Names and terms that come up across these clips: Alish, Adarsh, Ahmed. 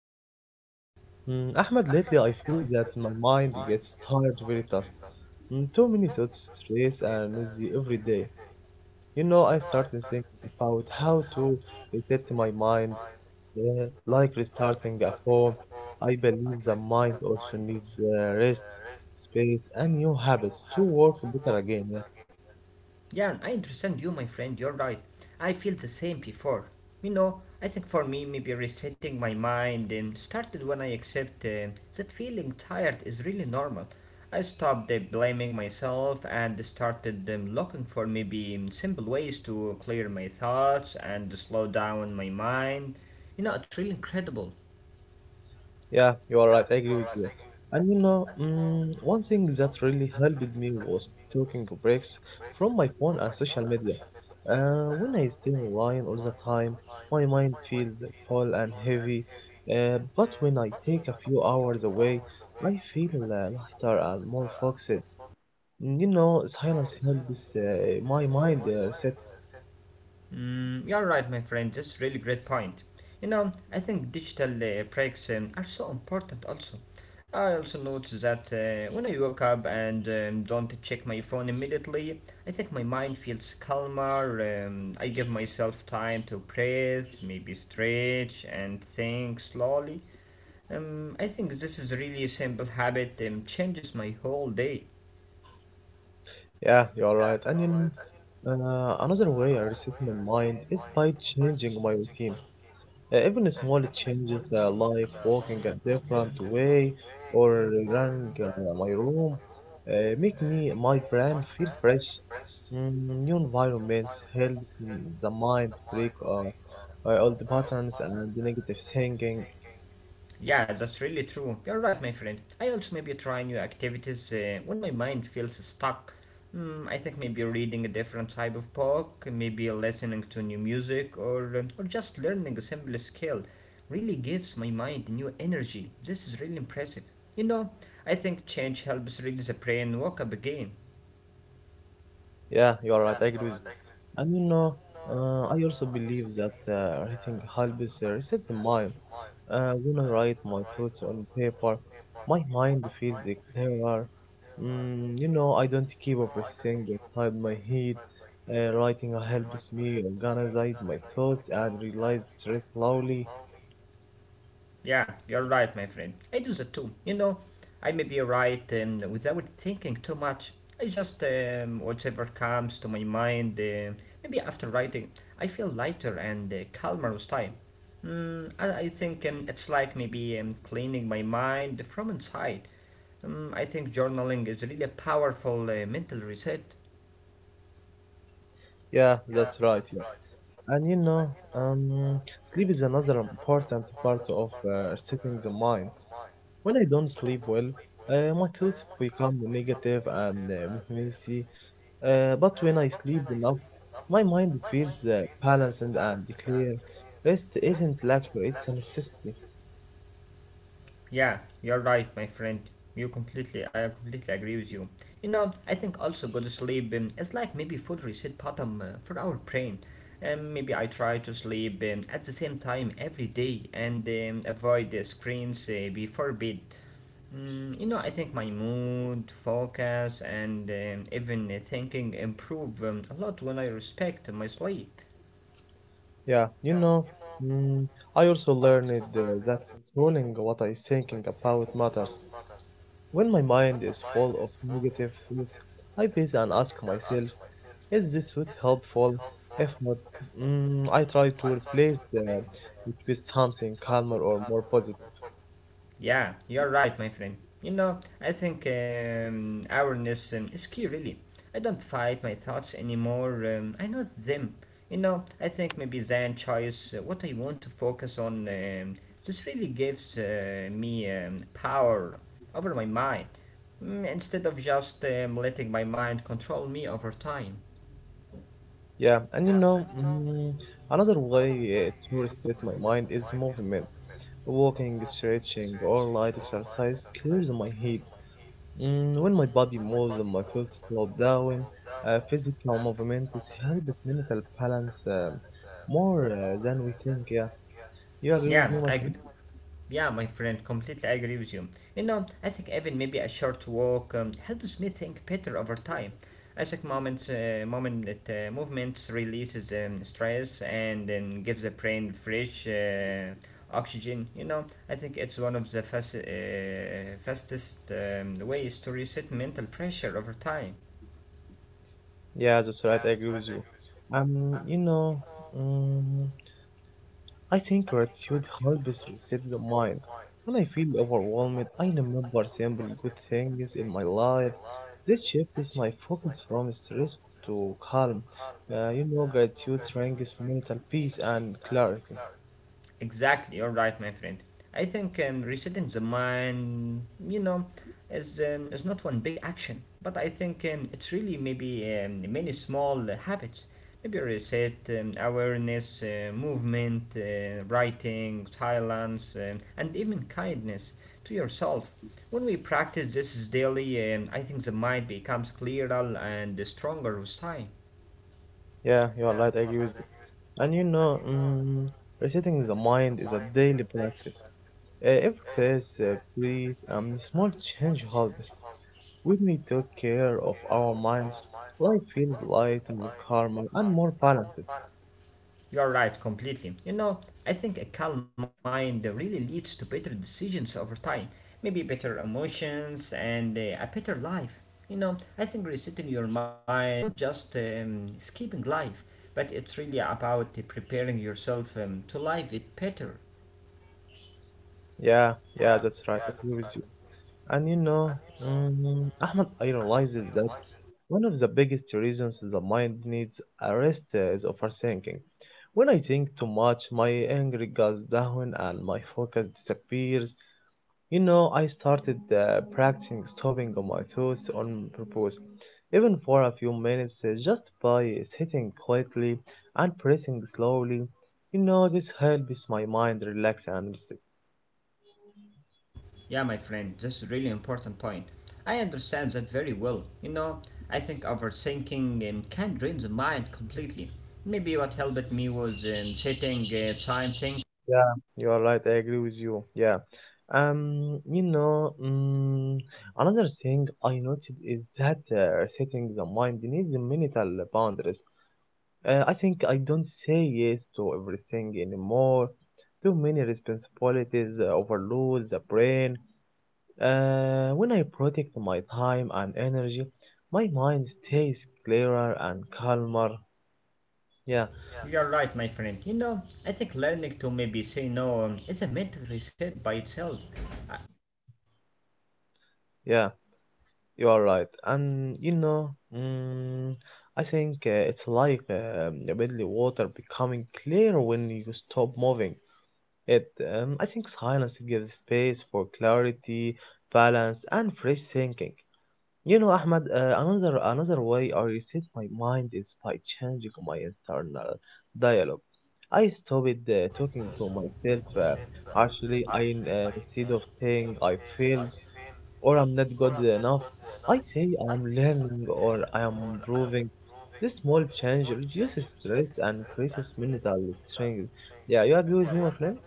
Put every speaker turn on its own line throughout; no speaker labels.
thank you.
Mm, Ahmed, lately I feel that my mind gets tired very fast. Mm, too many thoughts, stress, and noisy every day. I started thinking about how to reset my mind, like restarting a phone. I believe the mind also needs rest, space, and new habits to work better again. Yeah.
Jan, I understand you, my friend, you're right. I feel the same before. You know, I think for me, maybe resetting my mind started when I accept that feeling tired is really normal. I stopped blaming myself and started looking for maybe simple ways to clear my thoughts and slow down my mind. You know, it's really incredible.
Yeah, you are right. I agree with you. And one thing that really helped me was taking breaks from my phone and social media. When I stay online all the time, my mind feels full and heavy. But when I take a few hours away, I feel lighter and more focused. Mm, you know, silence helps my mind reset.
Mm, you're right, my friend. That's really great point. You know, I think digital breaks are so important. Also, I also notice that when I wake up and don't check my phone immediately, I think my mind feels calmer. I give myself time to breathe, maybe stretch and think slowly. I think this is really a simple habit. Changes my whole day.
Yeah, you are right. And another way I reset my mind is by changing my routine. Even small changes like walking a different way or running my room make me my brain feel fresh. Mm, new environments helps the mind break old patterns and negative thinking.
Yeah, that's really true. You're right, my friend. I also maybe try new activities when my mind feels stuck. Mm, I think maybe reading a different type of book, maybe listening to new music, or or just learning a simple skill, really gives my mind new energy. This is really impressive. You know, I think change helps release the brain, wake up again.
Yeah, you are right. I agree with you. And I also believe that writing helps reset the mind. When I write my thoughts on paper, my mind feels clearer. Mm, you know, I don't keep everything inside my head. Writing helps me organize my thoughts and realize stress slowly.
Yeah, you're right, my friend. I do that too. You know, I may be right without thinking too much. I just, whatever comes to my mind, maybe after writing, I feel lighter and calmer with time. Mm, I think it's like maybe cleaning my mind from inside. I think journaling is really a powerful mental reset.
Yeah, that's right. Yeah. And sleep is another important part of resetting the mind. When I don't sleep well, my thoughts become negative and messy. But when I sleep enough, my mind feels balanced and clear. Rest isn't luxury; it's a necessity.
Yeah, you're right, my friend. I completely agree with you. You know, I think also good sleep is like maybe food reset button for our brain. Maybe I try to sleep at the same time every day and avoid the screens before bed. Mm, you know, I think my mood, focus, and even thinking improve a lot when I respect my sleep.
Yeah, you know. Mm, I also learned that controlling what I'm thinking about matters. When my mind is full of negative thoughts, I pause and ask myself. Is this suit helpful? If not, mm, I try to replace it with something calmer or more positive.
Yeah, you're right, my friend. You know, I think awareness is key, really. I don't fight my thoughts anymore. I know them. You know, I think maybe then choice what I want to focus on just really gives me power over my mind mm, instead of just letting my mind control me over time.
Yeah, and another way to reset my mind is movement. Walking, stretching, or light exercise clears my head. Mm, when my body moves and my thoughts slow down, physical movement it helps mental balance more than we think. Yeah, you agree with
Yeah,
me, my friend?
I, Yeah, my friend, completely agree with you. You know, I think even maybe a short walk helps me think better over time. I think movements releases stress and then gives the brain fresh oxygen. You know, I think it's one of the fastest ways to reset mental pressure over time.
Yeah, that's right. I agree with you. Um, you know, um, I think gratitude helps reset the mind. When I feel overwhelmed, I remember simple good things in my life. This shifts my focus from stress to calm. You know, gratitude brings mental peace and clarity.
Exactly, you're right, my friend. I think resetting the mind, you know, is not one big action, but I think it's really maybe many small habits. Maybe reset, awareness, movement, writing, silence, and even kindness to yourself. When we practice this daily, I think the mind becomes clearer and stronger with time.
Yeah, you are right. I agree with you. And resetting the mind is a daily practice. Every pace, breathe, small change helps. When we take care of our minds, life feels lighter, calmer, and more balanced.
You're right, completely. You know, I think a calm mind really leads to better decisions over time, maybe better emotions and a better life. You know, I think resetting your mind is not just skipping life, but it's really about preparing yourself to live it better.
Yeah, yeah, that's right. I agree with you. And Ahmed, I realizes that one of the biggest reasons the mind needs a rest is overthinking. When I think too much, my anger goes down and my focus disappears. You know, I started practicing stopping on my thoughts on purpose, even for a few minutes, just by sitting quietly and pressing slowly. You know, this helps my mind relax and reset.
Yeah, my friend, this is really important point. I understand that very well. You know, I think overthinking can drain the mind completely. Maybe what helped me was setting time thinking.
Yeah, you are right. I agree with you. Yeah. Um, you know, mm, Another thing I noticed is that setting the mind needs mental boundaries. I think I don't say yes to everything anymore. Too many responsibilities overload the brain. When I protect my time and energy, my mind stays clearer and calmer. Yeah,
You're right, my friend. You know, I think learning to maybe say no is a mental reset by itself. Uh,
yeah, you are right. And mm, I think it's like the bodily water becoming clear when you stop moving. It, I think silence gives space for clarity, balance, and fresh thinking. You know, Ahmad, another way I reset my mind is by changing my internal dialogue. I stopped talking to myself, actually I instead of saying I failed or I'm not good enough. I say I am learning or I am improving. This small change reduces stress and increases mental strength. Yeah, you agree with me, my friend?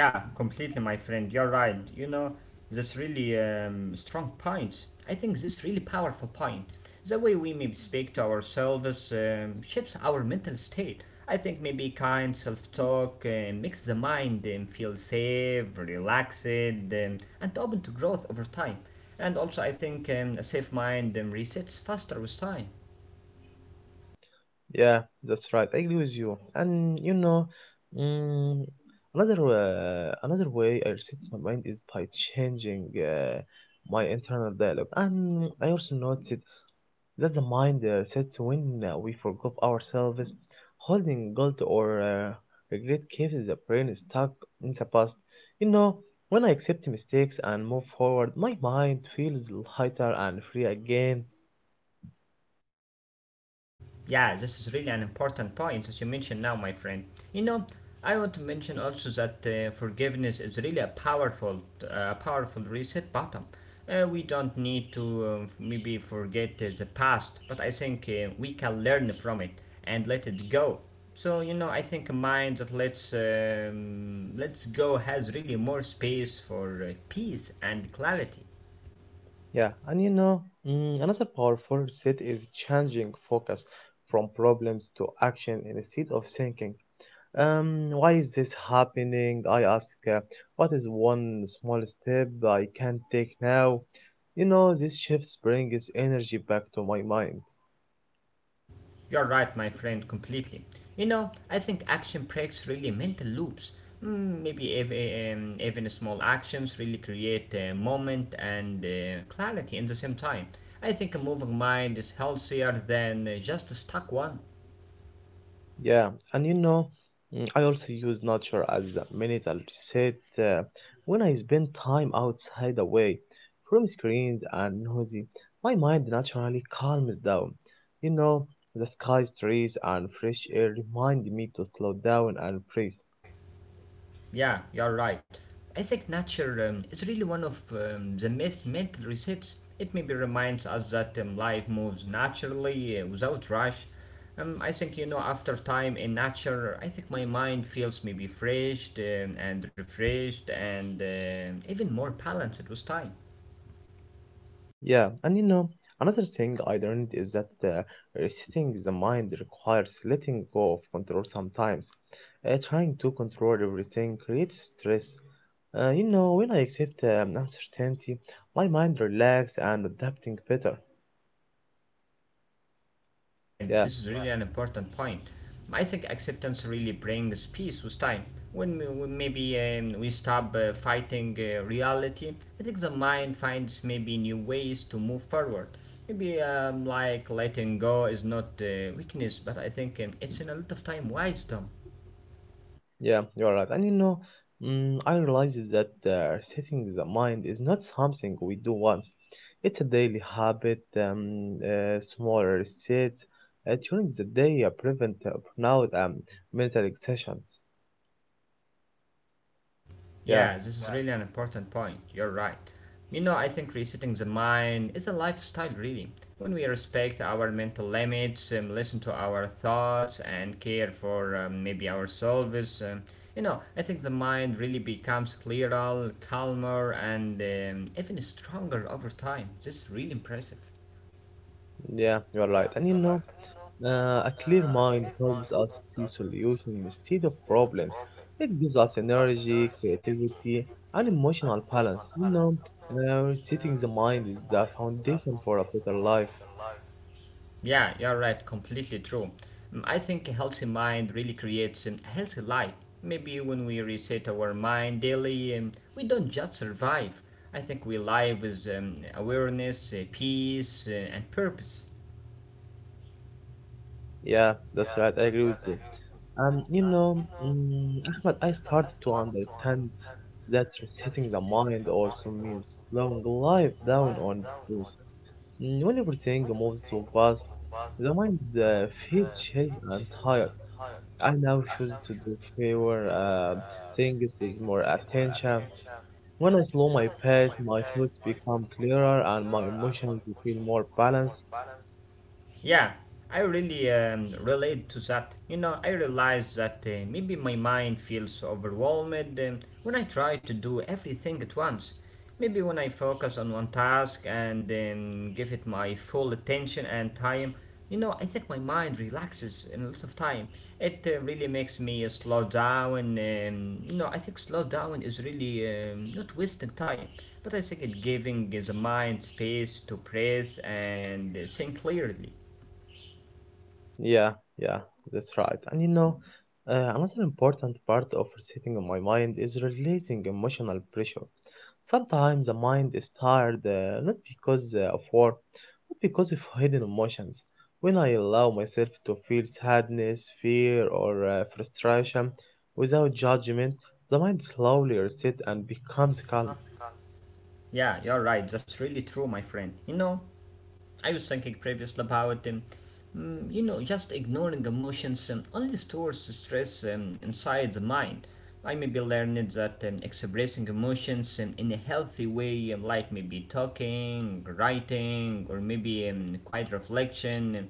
yeah, Completely, my friend. You're right. You know, that's really strong point. I think this really powerful point. The way we maybe speak to ourselves shapes our mental state. I think maybe kind self-talk makes the mind feel safe, relaxed, and open to growth over time. And also, I think a safe mind resets faster with time.
Yeah, that's right. I agree with you. And mm, another way I reset my mind is by changing my internal dialogue. And I also noticed that the mind resets when we forgive ourselves. Holding guilt or regret keeps the brain stuck in the past. You know, when I accept mistakes and move forward, my mind feels lighter and free again.
Yeah, this is really an important point that you mentioned now, my friend. You know, I want to mention also that forgiveness is really a powerful reset button. We don't need to maybe forget the past, but I think we can learn from it and let it go. So you know, I think a mind that lets go has really more space for peace and clarity.
Yeah, and another powerful reset is changing focus from problems to action instead of thinking. Why is this happening? I ask, what is one small step I can take now? You know, this shift brings energy back to my mind.
You're right, my friend, completely. You know, I think action breaks really mental loops. Mm, maybe even small actions really create a moment and clarity in the same time. I think a moving mind is healthier than just a stuck one.
Yeah, and I also use nature as a mental reset uh, when I spend time outside away from screens and noisy. My mind naturally calms down. You know, the sky, trees, and fresh air remind me to slow down and breathe.
Yeah, you're right. I think nature is really one of the best mental resets. It maybe reminds us that life moves naturally without rush. I think you know after time in nature, I think my mind feels maybe fresh and refreshed and even more balanced with time.
Yeah, and you know, another thing I learned is that resetting the mind requires letting go of control sometimes. Trying to control everything creates stress. You know, when I accept uncertainty, my mind relaxes and adapting better.
Yeah, my friend,
Yeah.
this is really an important point. I think acceptance really brings peace with time. When maybe we stop fighting reality, I think the mind finds maybe new ways to move forward. Maybe like letting go is not weakness, but I think it's in a lot of time wisdom.
Yeah, you're right. And I realize that setting the mind is not something we do once. It's a daily habit. Smaller sets during the day prevent burnout and mental exhaustion. Yeah,
Yeah, this is really an important point. You're right. You know, I think resetting the mind is a lifestyle, really. When we respect our mental limits, listen to our thoughts, and care for maybe ourselves, you know, I think the mind really becomes clearer, calmer, and even stronger over time. This is really impressive.
yeah, you're right. And a clear mind helps us see solutions instead of problems. It gives us energy, creativity, and emotional balance. You know, setting the mind is the foundation for a better life.
Yeah, you're right. Completely true. Mm, I think a healthy mind really creates a healthy life. Maybe when we reset our mind daily, we don't just survive. I think we live with awareness, peace, and purpose.
Yeah, that's right. I agree with you. And Ahmed, I started to understand that resetting the mind also means slowing life down on purpose. Mm, when everything moves too fast, the mind feels chased and tired. I now choose to do fewer things with more attention. When I slow my pace, my thoughts become clearer and my emotions feel more balanced.
Yeah, I really relate to that. You know, I realize that maybe my mind feels overwhelmed when I try to do everything at once. Maybe when I focus on one task and give it my full attention and time, you know, I think my mind relaxes in a lot of time. It really makes me slow down. You know, I think slow down is really not wasting time, but I think it giving the mind space to breathe and think clearly.
Yeah, yeah, that's right. And another important part of resetting my mind is releasing emotional pressure. Sometimes the mind is tired, not because of war, but because of hidden emotions. When I allow myself to feel sadness, fear, or frustration without judgment, the mind slowly resets and becomes calm.
Yeah, you're right. That's really true, my friend. You know, I was thinking previously about, you know, just ignoring emotions only stores stress inside the mind. I maybe learned that expressing emotions in a healthy way, like maybe talking, writing, or maybe quiet reflection,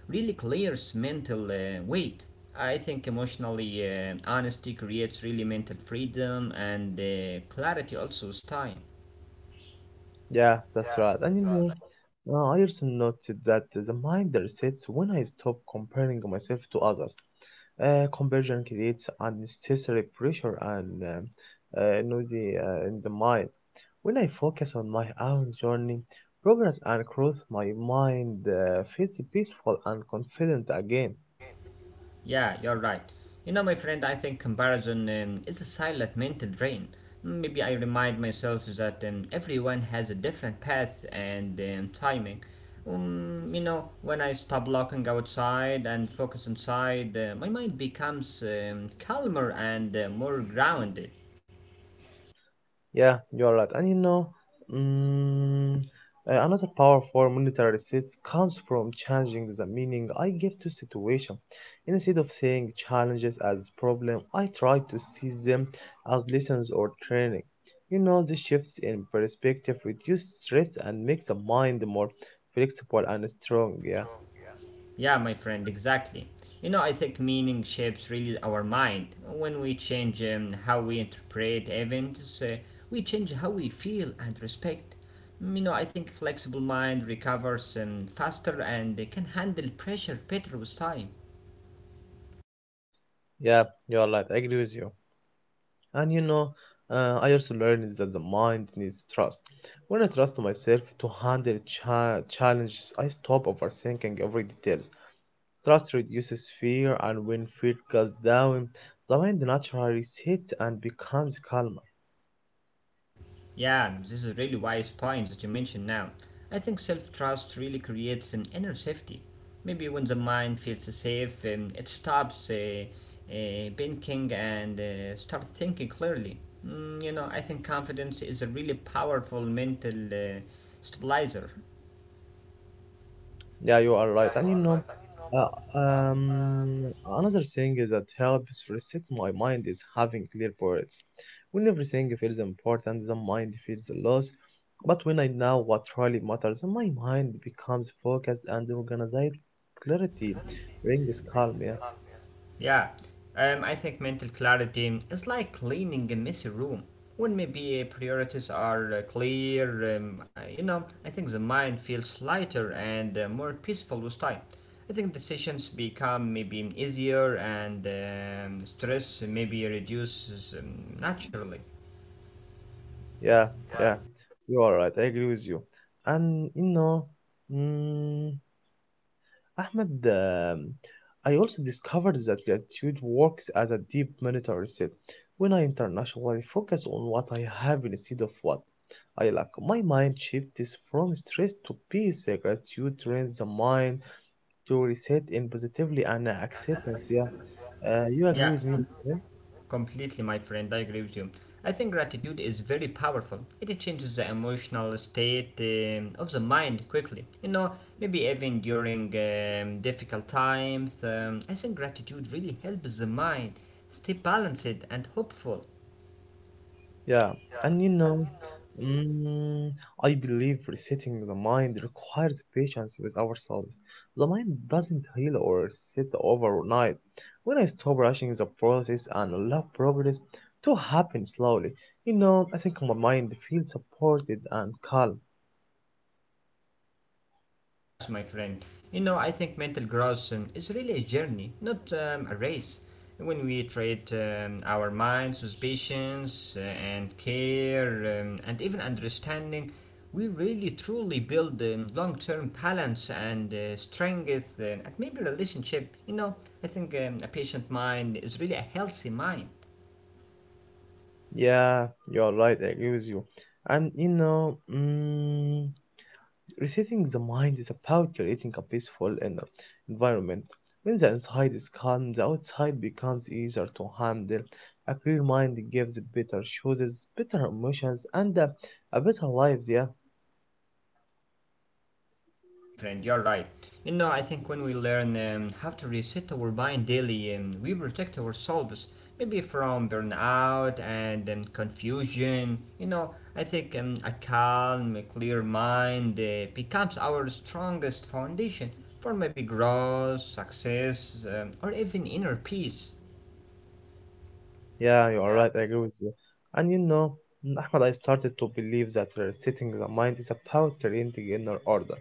really clears mental weight. I think emotionally honesty creates really mental freedom and clarity also with time.
Yeah, that's right. And I also noticed that the mind resets when I stop comparing myself to others. Comparison creates unnecessary pressure and noisy in the mind. When I focus on my own journey, progress and growth, my mind feels peaceful and confident again.
Yeah, you're right. You know, my friend, I think comparison is a silent mental drain. Maybe I remind myself that everyone has a different path and timing. You know, when I stop looking outside and focus inside, my mind becomes calmer and more grounded.
Yeah, you're right. And mm, another power for monetary states comes from changing the meaning I give to situation. Instead of seeing challenges as problem, I try to see them as lessons or training. You know, the shifts in perspective reduce stress and makes the mind more flexible and strong. Yeah.
Yeah, my friend, exactly. You know, I think meaning shapes really our mind. When we change how we interpret events, we change how we feel and respect. Mm, you know, I think flexible mind recovers faster and they can handle pressure better with time.
Yeah, you are right. I agree with you. And I also learned is that the mind needs trust. When I trust myself to handle challenges, I stop overthinking every detail. Trust reduces fear, and when fear goes down, the mind naturally sits and becomes calm.
Yeah, this is really wise point that you mentioned now. I think self-trust really creates an inner safety. Maybe when the mind feels safe, it stops thinking and start thinking clearly. Mm, you know, I think confidence is a really powerful mental stabilizer.
Yeah, you are right. And another thing is that helps reset my mind is having clear priorities. When everything feels important, the mind feels lost. But when I know what really matters, my mind becomes focused and organized. Clarity brings calm. Yeah,
Yeah, I think mental clarity is like cleaning a messy room. When maybe priorities are clear, you know, I think the mind feels lighter and more peaceful with time. I think decisions become maybe easier and stress maybe reduces naturally.
yeah, yeah. You are right. I agree with you. And mm, Ahmed, I also discovered that gratitude works as a deep monitor reset. When I internationally focus on what I have instead of what I lack, my mind shifts from stress to peace. Gratitude trains the mind to reset in positively and acceptance. Yeah, you agree
Yeah.
with me?
Completely, my friend, I agree with you. I think gratitude is very powerful. It changes the emotional state of the mind quickly. You know, maybe even during difficult times. I think gratitude really helps the mind stay balanced and hopeful.
Yeah, and mm, I believe resetting the mind requires patience with ourselves. The mind doesn't heal or sit overnight. When I stop rushing the process and allow progress to happen slowly, you know, I think my mind feels supported and calm.
Yes, my friend. You know, I think mental growth is really a journey, not a race. When we treat our minds with patience and care and even understanding, we really truly build long term balance and strength and maybe relationship. You know, I think a patient mind is really a healthy mind.
Yeah, you are right, I agree with you. And resetting the mind is about creating a peaceful inner environment. When the inside is calm, the outside becomes easier to handle. A clear mind gives better choices, better emotions, and a better life. Yeah,
Exactly, my friend, you're right. You know, I think when we learn how to reset our mind daily, we protect ourselves maybe from burnout and confusion. You know, I think a calm, a clear mind becomes our strongest foundation for maybe growth, success, or even inner peace.
yeah, you are right. I agree with you. And Ahmed, I started to believe that resetting the mind is about creating inner order.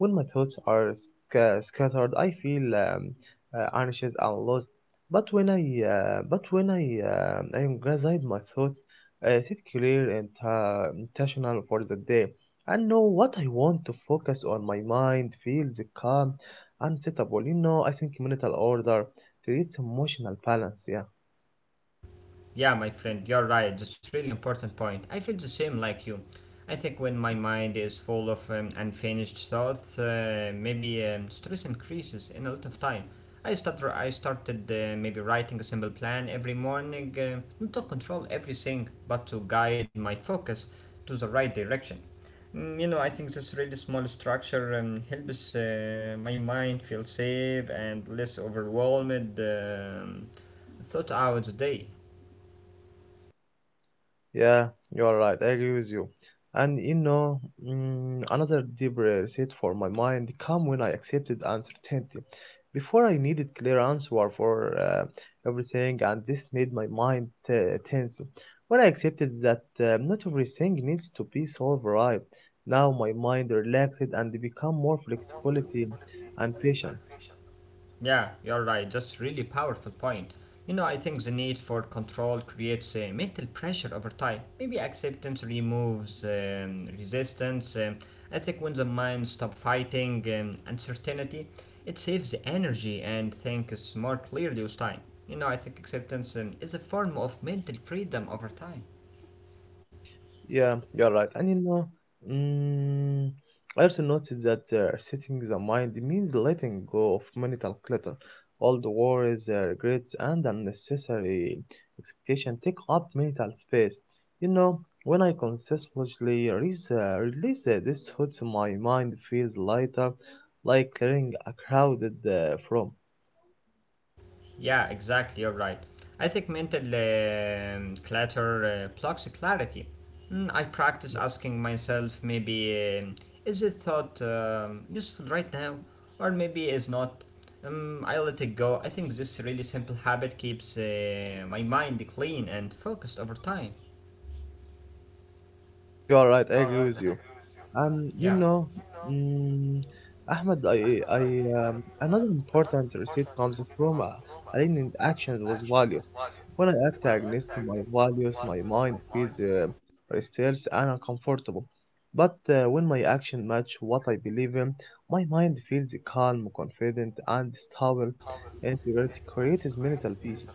When my thoughts are scattered, I feel anxious and lost. But when I uh, but when I I am gathered my thoughts, I sit clear and intentional for the day. I know what I want to focus on. My mind feels calm and settlable. I think mental order creates emotional balance. Yeah.
Yeah, my friend, you're right. That's really important point. I feel the same like you. I think when my mind is full of unfinished thoughts, maybe stress increases in a lot of time. I started maybe writing a simple plan every morning, not to control everything, but to guide my focus to the right direction. You know, I think this really small structure helps my mind feel safe and less overwhelmed throughout the day.
Yeah, you're right. I agree with you. And another deep reset for my mind come when I accepted uncertainty. Before I needed clear answer for everything, and this made my mind tense. When I accepted that not everything needs to be solved right, now my mind relaxed and become more flexibility and patience.
Yeah, you're right. Just really powerful point. You know, I think the need for control creates mental pressure over time. Maybe acceptance removes resistance. I think when the mind stops fighting uncertainty, it saves the energy and thinks more clearly with time. You know, I think acceptance is a form of mental freedom over time.
Yeah, you're right. And mm, I also noticed that setting the mind means letting go of mental clutter. All the worries, regrets, and unnecessary expectation take up mental space. You know, when I consistently release these thoughts, my mind feels lighter, like clearing a crowded from.
Yeah, exactly. You're right. I think mental clutter blocks clarity. I practice asking myself maybe is this thought useful right now, or maybe is not. I let it go. I think this really simple habit keeps my mind clean and focused over time.
You are right. I agree with you. And
Yeah.
mm, Ahmed, another important receipt comes from a aligned action with value. When I act against my values, my mind feels restless and uncomfortable. But when my action match what I believe in, my mind feels calm, confident, and stable. Integrity creates mental peace.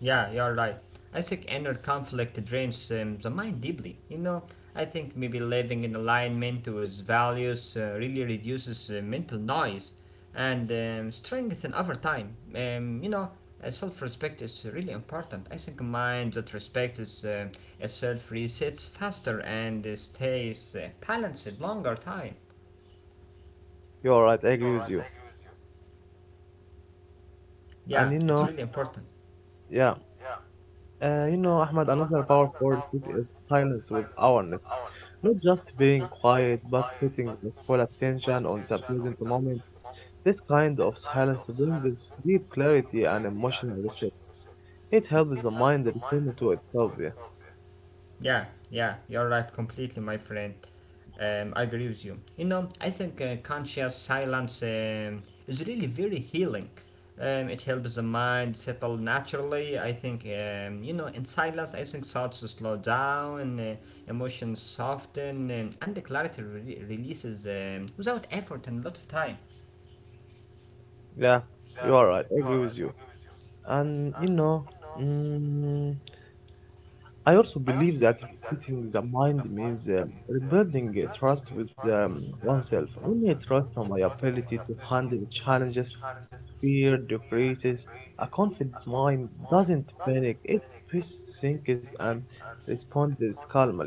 Yeah, you're right. I think inner conflict drains the mind deeply. You know, I think maybe living in alignment to his values really reduces mental noise and strengthen over time. You know, self-respect is really important. I think a mind that respects itself resets faster and stays balanced longer time.
You are right, I agree with you. And you
Yeah,
know,
it's really important.
yeah, you know, Ahmed, another powerful receipt is silence with awareness. Not just being quiet, but sitting with full attention on the present moment. This kind of silence brings deep clarity and emotional reset. It helps the mind return to itself. Yeah,
Yeah, yeah, you're right completely, my friend. I agree with you. You know, I think conscious silence is really very healing. It helps the mind settle naturally. I think, you know, in silence, I think thoughts slow down, emotions soften, and the clarity releases without effort and a lot of time.
yeah, you are right. I agree with you. And mm, I also believe that sitting the mind means rebuilding a trust with oneself. When I trust on my ability to handle challenges, fear decreases. A confident mind doesn't panic, it thinks and responds calmly.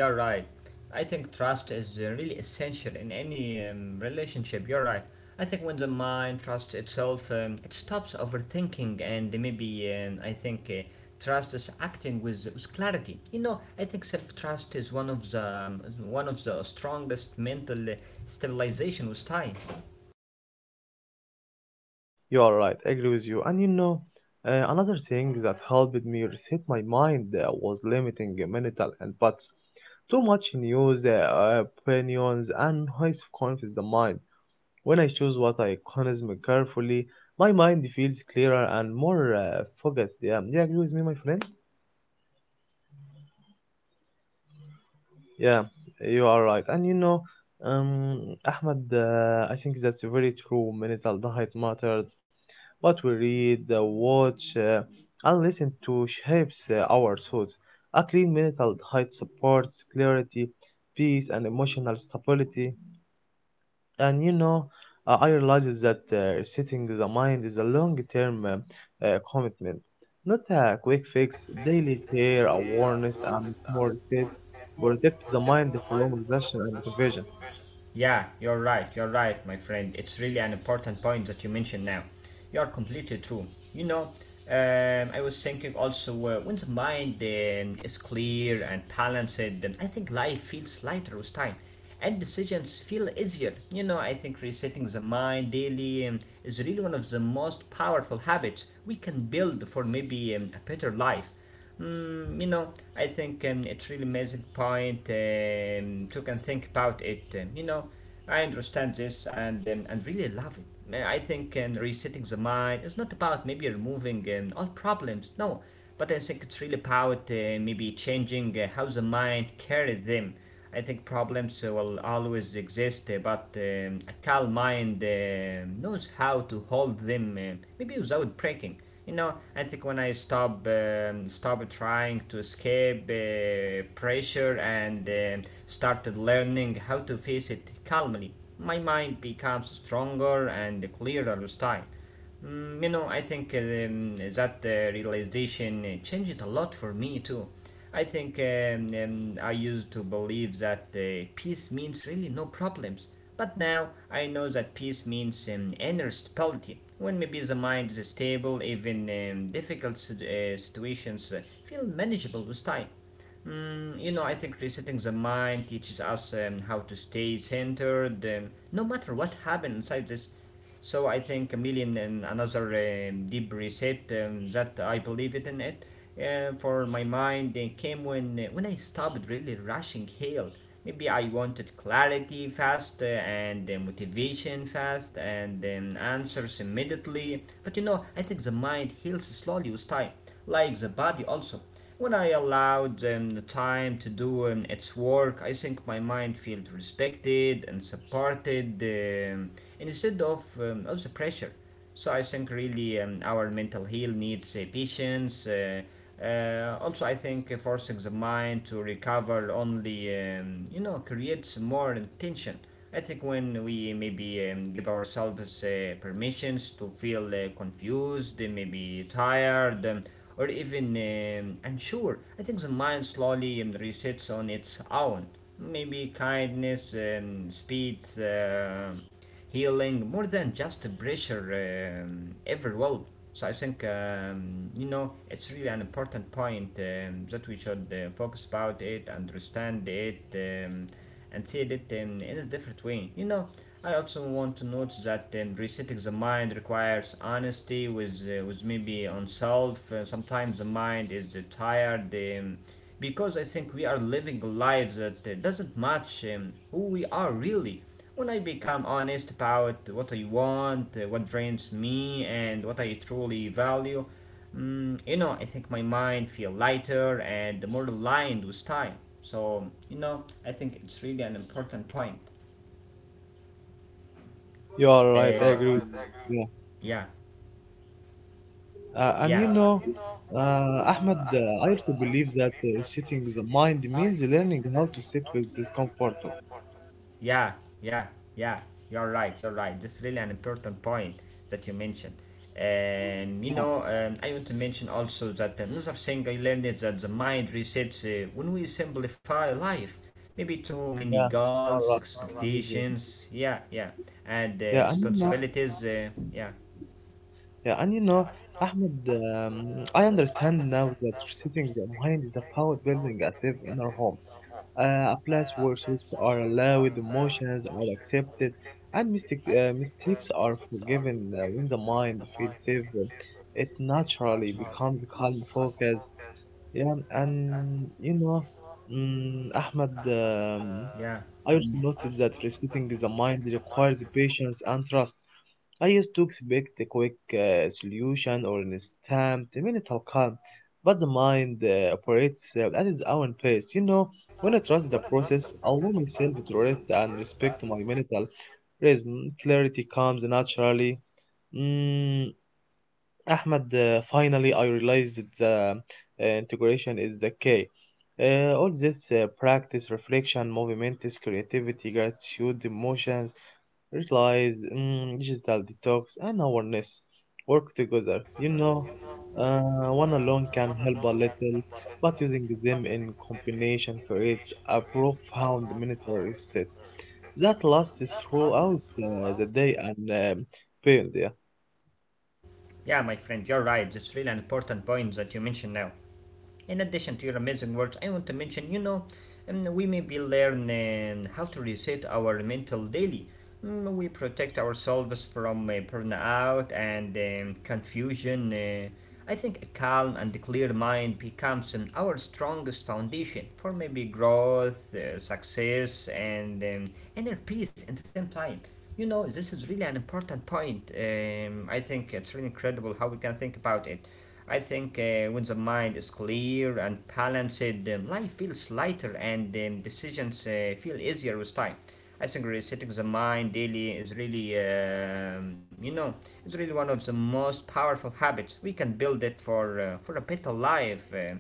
You're right. I think trust is really essential in any relationship. You're right. I think when the mind trusts itself, it stops overthinking and maybe I think trust is acting with clarity. You know, I think self-trust is one of the strongest mental stabilization with time.
You are right, I agree with you. And you know, another thing that helped me reset my mind was limiting mental inputs. Too much news, opinions, and noise confuse the mind. When I choose what I consume carefully, my mind feels clearer and more focused. Yeah, do you agree with me, my friend? Yeah, you are right. And you know, Ahmed, I think that's very true. Mental diet matters. What we read, watch, and listen to shapes our thoughts. A clean mental diet supports clarity, peace, and emotional stability. And you know, I realizes that setting the mind is a long-term commitment, not a quick fix. Daily care, awareness, and small steps protect the mind from exhaustion and confusion.
Yeah, you're right, my friend. It's really an important point that you mentioned now. You are completely true. You know, I was thinking also when the mind is clear and balanced, then I think life feels lighter with time and decisions feel easier. You know, I think resetting the mind daily is really one of the most powerful habits we can build for maybe a better life. You know, I think it's really amazing point to can think about it. You know, I understand this and really love it. I think resetting the mind is not about maybe removing all problems. No, but I think it's really about maybe changing how the mind carries them. I think problems will always exist, but a calm mind knows how to hold them maybe without breaking. You know, I think when I stop stop trying to escape pressure and started learning how to face it calmly, my mind becomes stronger and clearer with time. You know, I think that realization changed a lot for me too. I think I used to believe that peace means really no problems, but now I know that peace means inner stability. When maybe the mind is stable, even difficult situations feel manageable with time. You know, I think resetting the mind teaches us how to stay centered, no matter what happens inside this so I think Chameleon and another deep reset that I believe it in it for my mind came when I stopped really rushing Hale. Maybe I wanted clarity fast and motivation fast and answers immediately. But you know, I think the mind heals slowly with time, like the body also. When I allowed the time to do its work, I think my mind feels respected and supported um, instead of the pressure. So I think really our mental health needs patience. Also, I think forcing the mind to recover only you know creates more tension. I think when we maybe give ourselves permissions to feel confused, maybe tired, or even unsure, I think the mind slowly resets on its own. Maybe kindness speeds. Healing more than just pressure ever will. So I think you know it's really an important point that we should focus about it, understand it, and see it in a different way. You know, I also want to note that resetting the mind requires honesty with maybe oneself. Sometimes the mind is tired. Because I think we are living lives that doesn't match who we are really. When I become honest about what I want, what drains me, and what I truly value, you know, I think my mind feel lighter and more aligned with time. So, you know, I think it's really an important point.
You are right,
Uh,
I agree with you.
yeah,
Yeah.
yeah.
And you know, Ahmed, I also believe that setting the mind means learning how to sit with discomfort.
Yeah, yeah, yeah. You're right. You're right. That's really an important point that you mentioned. And you
Yeah,
know, I want to mention also that another thing I learned is that the mind resets when we simplify life. Maybe too many
yeah, you are
goals,
right. I agree with you.
expectations. Yeah, yeah, and
Yeah, and you know.
responsibilities. Yeah,
Yeah, and you know, Ahmed, I understand now that sitting behind is about building a safe inner home, a place where thoughts are allowed, emotions are accepted, and mistakes are forgiven. When the mind feels safe, it naturally becomes calm, focused. Yeah, and you know, Ahmed,
yeah,
I also noticed that resetting the mind requires patience and trust. I used to expect a quick solution or an instant mental calm, but the mind operates at its own pace. You know, when I trust the process, allow myself to rest and respect my mental rhythm, clarity comes naturally. Mm, Ahmed, finally, I realized that the integration is the key. All this practice, reflection, movement, is creativity, gratitude, emotions, rituals, mm, digital detox, and awareness work together. You know, one alone can help a little, but using them in combination creates a profound mental reset that lasts throughout the day and beyond. Yeah,
yeah. My friend, you're right. That's really an important point that you mentioned now. In addition to your amazing words, I want to mention, you know, we may be learning how to reset our mental daily. Mm, we protect ourselves from burnout and confusion. I think a calm and clear mind becomes our strongest foundation for maybe growth, success, and inner peace at the same time. You know, this is really an important point. I think it's really incredible how we can think about it. I think when the mind is clear and balanced, life feels lighter and decisions feel easier with time. I think resetting the mind daily is really, you know, is really one of the most powerful habits. We can build it for a better life,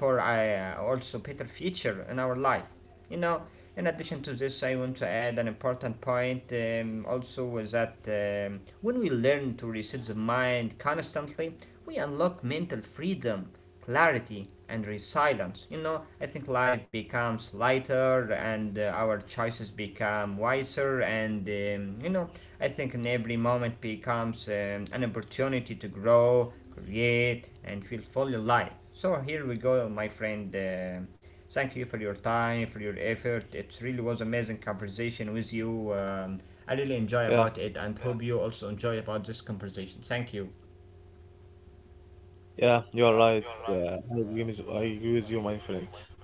for also better future in our life. You know, in addition to this, I want to add an important point also is that when we learn to reset the mind constantly, we unlock mental freedom, clarity, and resilience. You know, I think life becomes lighter and our choices become wiser, and you know, I think in every moment becomes an opportunity to grow, create, and feel fully alive. So, here we go, my friend. Thank you for your time, for your effort. It really was amazing conversation with you. I really enjoy
yeah,
about it and hope you also enjoy about this conversation. Thank you.
yeah. You are right. I agree with you, my friend.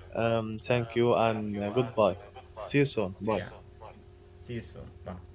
Thank you and goodbye. See you soon. Bye.
See you soon. Bye.